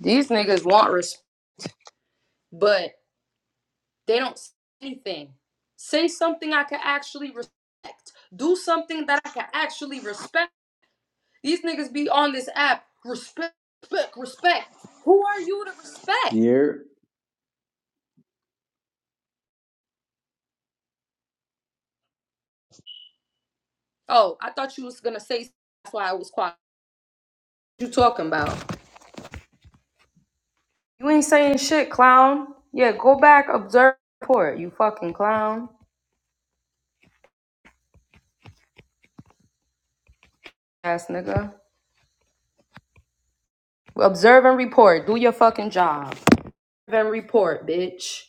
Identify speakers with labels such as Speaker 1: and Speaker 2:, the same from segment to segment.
Speaker 1: These niggas want respect, but they don't say anything. Say something I can actually respect. Do something that I can actually respect. These niggas be on this app. Respect, respect, respect. Who are you to respect?
Speaker 2: year
Speaker 1: Oh, I thought you was gonna say that's why I was quiet. What you talking about? You ain't saying shit, clown. Yeah, go back, observe, report, you fucking clown. Ass nigga. Observe and report. Do your fucking job. Observe and report, bitch.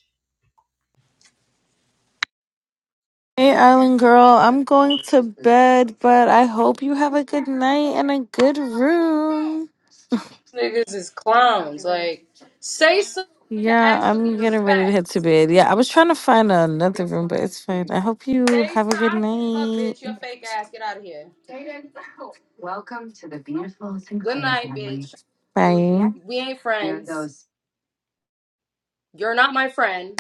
Speaker 3: Hey, Island Girl, I'm going to bed, but I hope you have a good night and a good room.
Speaker 1: niggas is clowns. Like, say something I can
Speaker 3: Yeah,
Speaker 1: actually
Speaker 3: I'm getting ready to
Speaker 1: respect.
Speaker 3: head to bed. Yeah, I was trying to find another room, but it's fine. I hope you
Speaker 1: Say
Speaker 3: have a
Speaker 1: something.
Speaker 3: good
Speaker 1: Fuck,
Speaker 3: night.
Speaker 1: bitch. Your fake ass. Get out of here. Good night, bitch. You.
Speaker 3: Bye.
Speaker 1: We ain't friends. You're not my friend.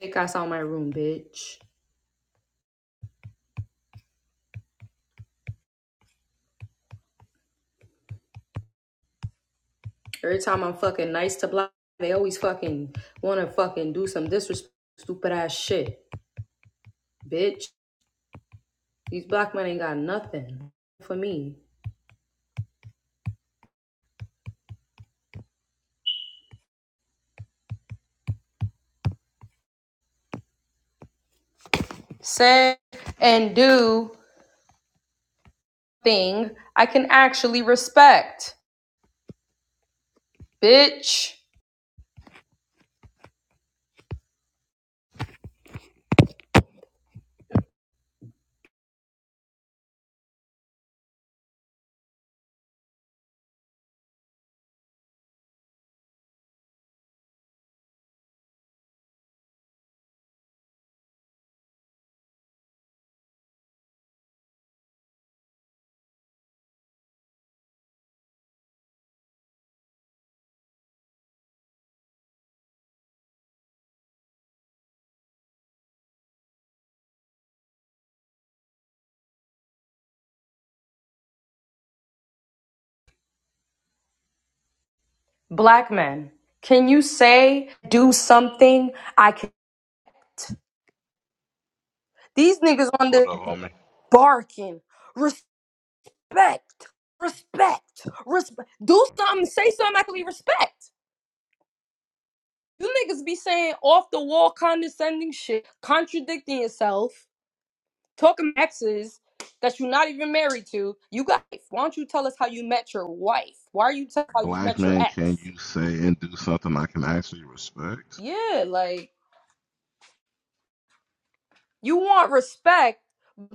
Speaker 1: Fake ass out my room, bitch. Every time I'm fucking nice to black, they always fucking wanna fucking do some disrespect, stupid ass shit, bitch. These black men ain't got nothing for me. Say and do thing I can actually respect. Bitch. Black men, can you say, do something? I can. These niggas on
Speaker 4: What
Speaker 1: this
Speaker 4: up, homie?
Speaker 1: barking. Respect. Respect. Respect. Do something. Say something I can be respect. You niggas be saying off the wall condescending shit, contradicting yourself, talking exes that you're not even married to. You guys, why don't you tell us how you met your wife? Why are you telling how you
Speaker 4: Black
Speaker 1: met your
Speaker 4: man, can
Speaker 1: ex?
Speaker 4: you say and do something I can actually respect?
Speaker 1: Yeah, like. You want respect,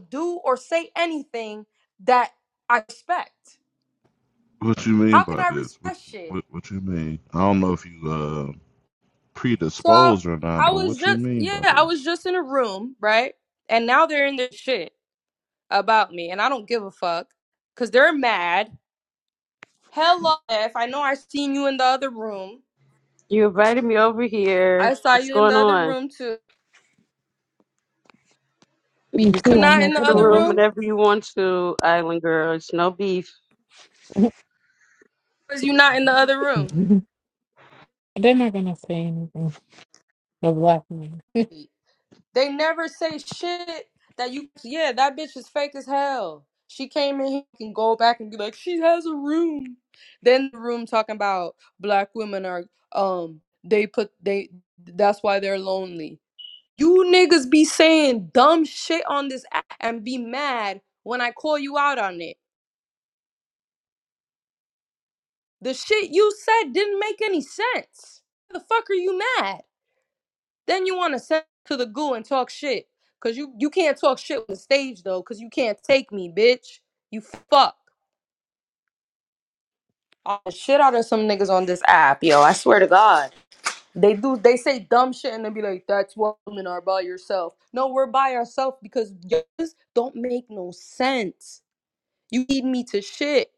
Speaker 1: do or say anything that I respect.
Speaker 4: What you mean
Speaker 1: How can
Speaker 4: by
Speaker 1: I
Speaker 4: this? What
Speaker 1: respect shit?
Speaker 4: what what you mean? I don't know if you uh
Speaker 1: So I,
Speaker 4: predisposed or not,
Speaker 1: I
Speaker 4: but
Speaker 1: was
Speaker 4: what you
Speaker 1: just,
Speaker 4: mean
Speaker 1: yeah,
Speaker 4: by
Speaker 1: I was
Speaker 4: this?
Speaker 1: just in a room, right? And now they're in this shit about me, and I don't give a fuck because they're mad. Hello, F. I know I seen you in the other room.
Speaker 5: You invited me over
Speaker 1: I
Speaker 5: here.
Speaker 1: saw
Speaker 5: What's
Speaker 1: you in the
Speaker 5: going
Speaker 1: other
Speaker 5: on?
Speaker 1: room too.
Speaker 5: You
Speaker 6: Me
Speaker 5: can come
Speaker 1: You
Speaker 6: too. I'm
Speaker 1: not in
Speaker 6: like,
Speaker 5: to
Speaker 1: the
Speaker 6: what
Speaker 5: the
Speaker 6: the
Speaker 1: other
Speaker 5: room
Speaker 6: hell?
Speaker 1: room?
Speaker 5: whenever you want to, Island Girl. It's no beef.
Speaker 1: Because you not in the other room.
Speaker 6: They're not gonna say anything. The black man.
Speaker 1: They never say shit that you. Yeah, that bitch is fake as hell. She came in here and go back and be like, she has a room. Then the room talking about black women are um they put they that's why they're lonely. You niggas be saying dumb shit on this app and be mad when I call you out on it. The shit you said didn't make any sense. The fuck are you mad? Then you want to send to the goo and talk shit. Cause you you can't talk shit on the stage though, cause you can't take me, bitch. You fuck. all the shit out of some niggas on this app, yo. I swear to God. They do they say dumb shit and they be like, that's why women are by yourself. No, we're by ourselves because yours don't make no sense. You need me to shit.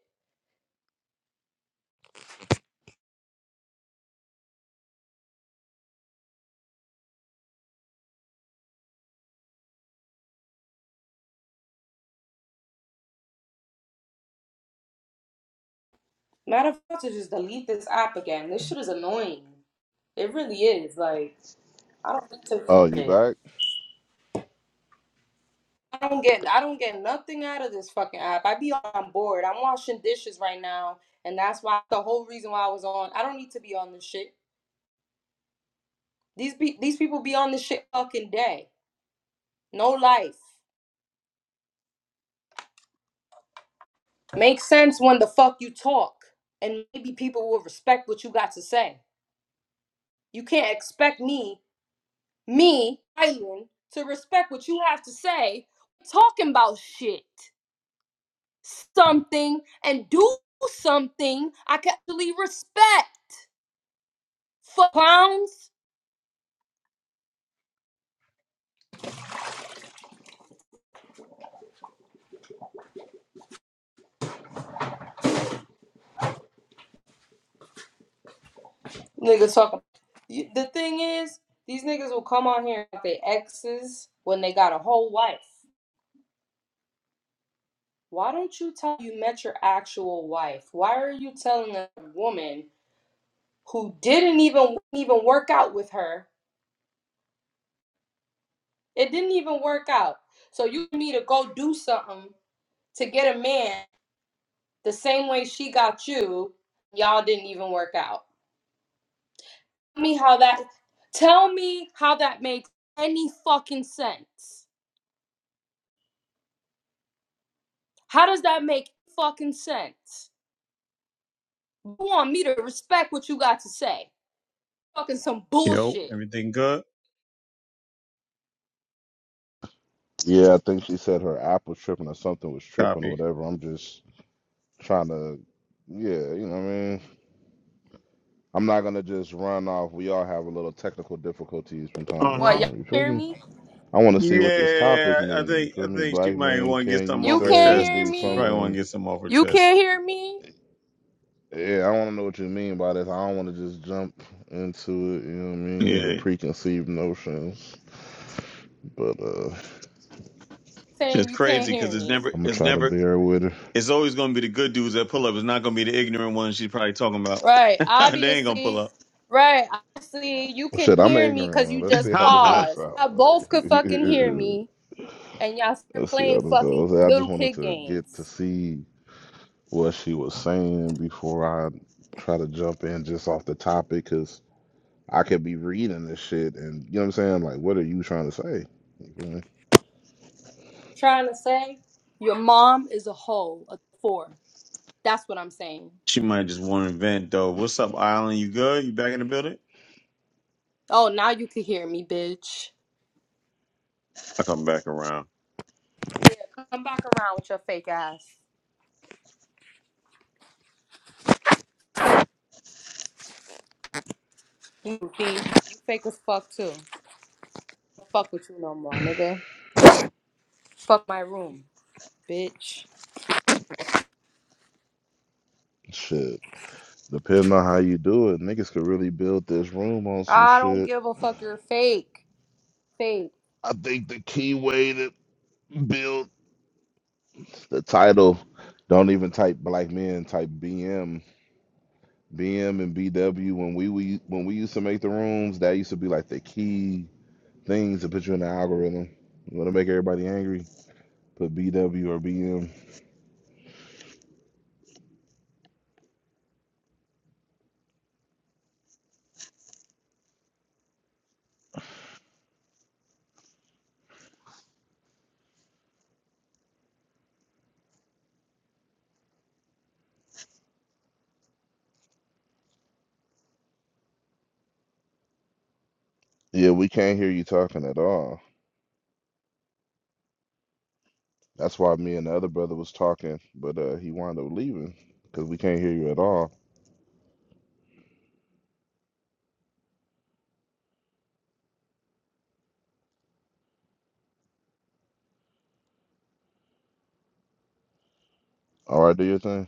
Speaker 1: Matter of fact, to just delete this app again. This shit is annoying. It really is. Like, I don't need
Speaker 4: Oh, you
Speaker 1: to
Speaker 4: back?
Speaker 1: I don't get I don't get nothing out of this fucking app. I be on board. I'm washing dishes right now, and that's why the whole reason why I was on. I don't need to be on this shit. These be, these people be on this shit fucking day. No life. Makes sense when the fuck you talk, and maybe people will respect what you got to say. You can't expect me, me, Island, to respect what you have to say. Talking about shit, something, and do something I can actually respect. For clowns, niggas talking. You- The thing is, these niggas will come on here with their exes when they got a whole wife. Why don't you tell you met your actual wife? Why are you telling a woman who didn't even even work out with her? It didn't even work out. So you need to go do something to get a man the same way she got you. Y'all didn't even work out. Tell me how that. Tell me how that makes any fucking sense. How does that make fucking sense? You want me to respect what you got to say? Fucking some
Speaker 7: Yo,
Speaker 1: bullshit.
Speaker 7: everything good?
Speaker 4: Yeah, I think she said her app was tripping or something was tripping or
Speaker 7: Copy.
Speaker 4: whatever. I'm just trying to yeah, you know what I mean? I'm not gonna just run off. We all have a little technical difficulties from time
Speaker 7: Uh
Speaker 4: to
Speaker 1: What
Speaker 7: huh.
Speaker 1: y'all
Speaker 4: time. You feel
Speaker 1: hear
Speaker 4: me?
Speaker 1: me?
Speaker 4: I wanna see what this topic
Speaker 7: Yeah, I
Speaker 4: means. You
Speaker 7: think
Speaker 4: feel
Speaker 7: I
Speaker 4: me?
Speaker 7: think she
Speaker 4: Black
Speaker 7: might
Speaker 4: men,
Speaker 7: want to get
Speaker 4: can
Speaker 7: something
Speaker 4: you
Speaker 1: You
Speaker 7: off her
Speaker 4: say
Speaker 1: can't
Speaker 7: chest.
Speaker 4: and
Speaker 1: hear
Speaker 4: do
Speaker 7: She
Speaker 1: me.
Speaker 7: probably want
Speaker 4: something
Speaker 7: to get something off her
Speaker 1: You
Speaker 7: chest.
Speaker 1: can't hear me.
Speaker 4: Yeah, I want to know what you mean by this. I don't want to just jump into it, you know what I mean, with
Speaker 7: Yeah,
Speaker 4: preconceived notions. But uh
Speaker 1: Saying
Speaker 7: it's
Speaker 1: you can't
Speaker 7: crazy because
Speaker 1: hear
Speaker 7: it's
Speaker 1: me.
Speaker 7: never,
Speaker 4: I'm gonna
Speaker 7: it's
Speaker 4: try to
Speaker 7: never,
Speaker 4: bear with it.
Speaker 7: it's always going to be the good dudes that pull up. It's not going to be the ignorant ones she's probably talking about.
Speaker 1: Right.
Speaker 7: they ain't gonna pull
Speaker 1: Obviously.
Speaker 7: up.
Speaker 1: Right. Obviously, you
Speaker 4: Well,
Speaker 1: can
Speaker 4: shit, I'm an
Speaker 1: hear me
Speaker 4: ignorant
Speaker 1: because
Speaker 4: one.
Speaker 1: you
Speaker 4: Let's see
Speaker 1: just
Speaker 4: how this works
Speaker 1: paused.
Speaker 4: out.
Speaker 1: Y'all both could
Speaker 4: Like,
Speaker 1: fucking hear me, and y'all start
Speaker 4: let's see how
Speaker 1: playing
Speaker 4: this
Speaker 1: fucking
Speaker 4: goes. I just
Speaker 1: little
Speaker 4: wanted
Speaker 1: kid
Speaker 4: to get to
Speaker 1: games.
Speaker 4: see what she was saying before I try to jump in just off the topic, because I could be reading this shit and you know what I'm saying. Like, what are you trying to say? You feel me?
Speaker 1: Trying to say your mom is a hoe, a four. That's what I'm saying.
Speaker 7: she might just want to vent though. What's up, Island? You good? You back in the building?
Speaker 1: Oh, now you can hear me, bitch.
Speaker 7: I come back around.
Speaker 1: Yeah, come back around with your fake ass. You be you fake as fuck too. Don't fuck with you no more, nigga. Fuck my room, bitch.
Speaker 4: Shit. Depending on how you do it, niggas could really build this room on some
Speaker 1: I don't
Speaker 4: shit.
Speaker 1: give a fuck. You're fake, fake.
Speaker 4: I think the key way to build the title, don't even type black men, type BM, BM and BW. When we, we when we used to make the rooms, that used to be like the key things to put you in the algorithm. You want to make everybody angry, put BW or BM. Yeah, we can't hear you talking at all. That's why me and the other brother was talking, but uh, he wound up leaving because we can't hear you at all. All right, do your thing.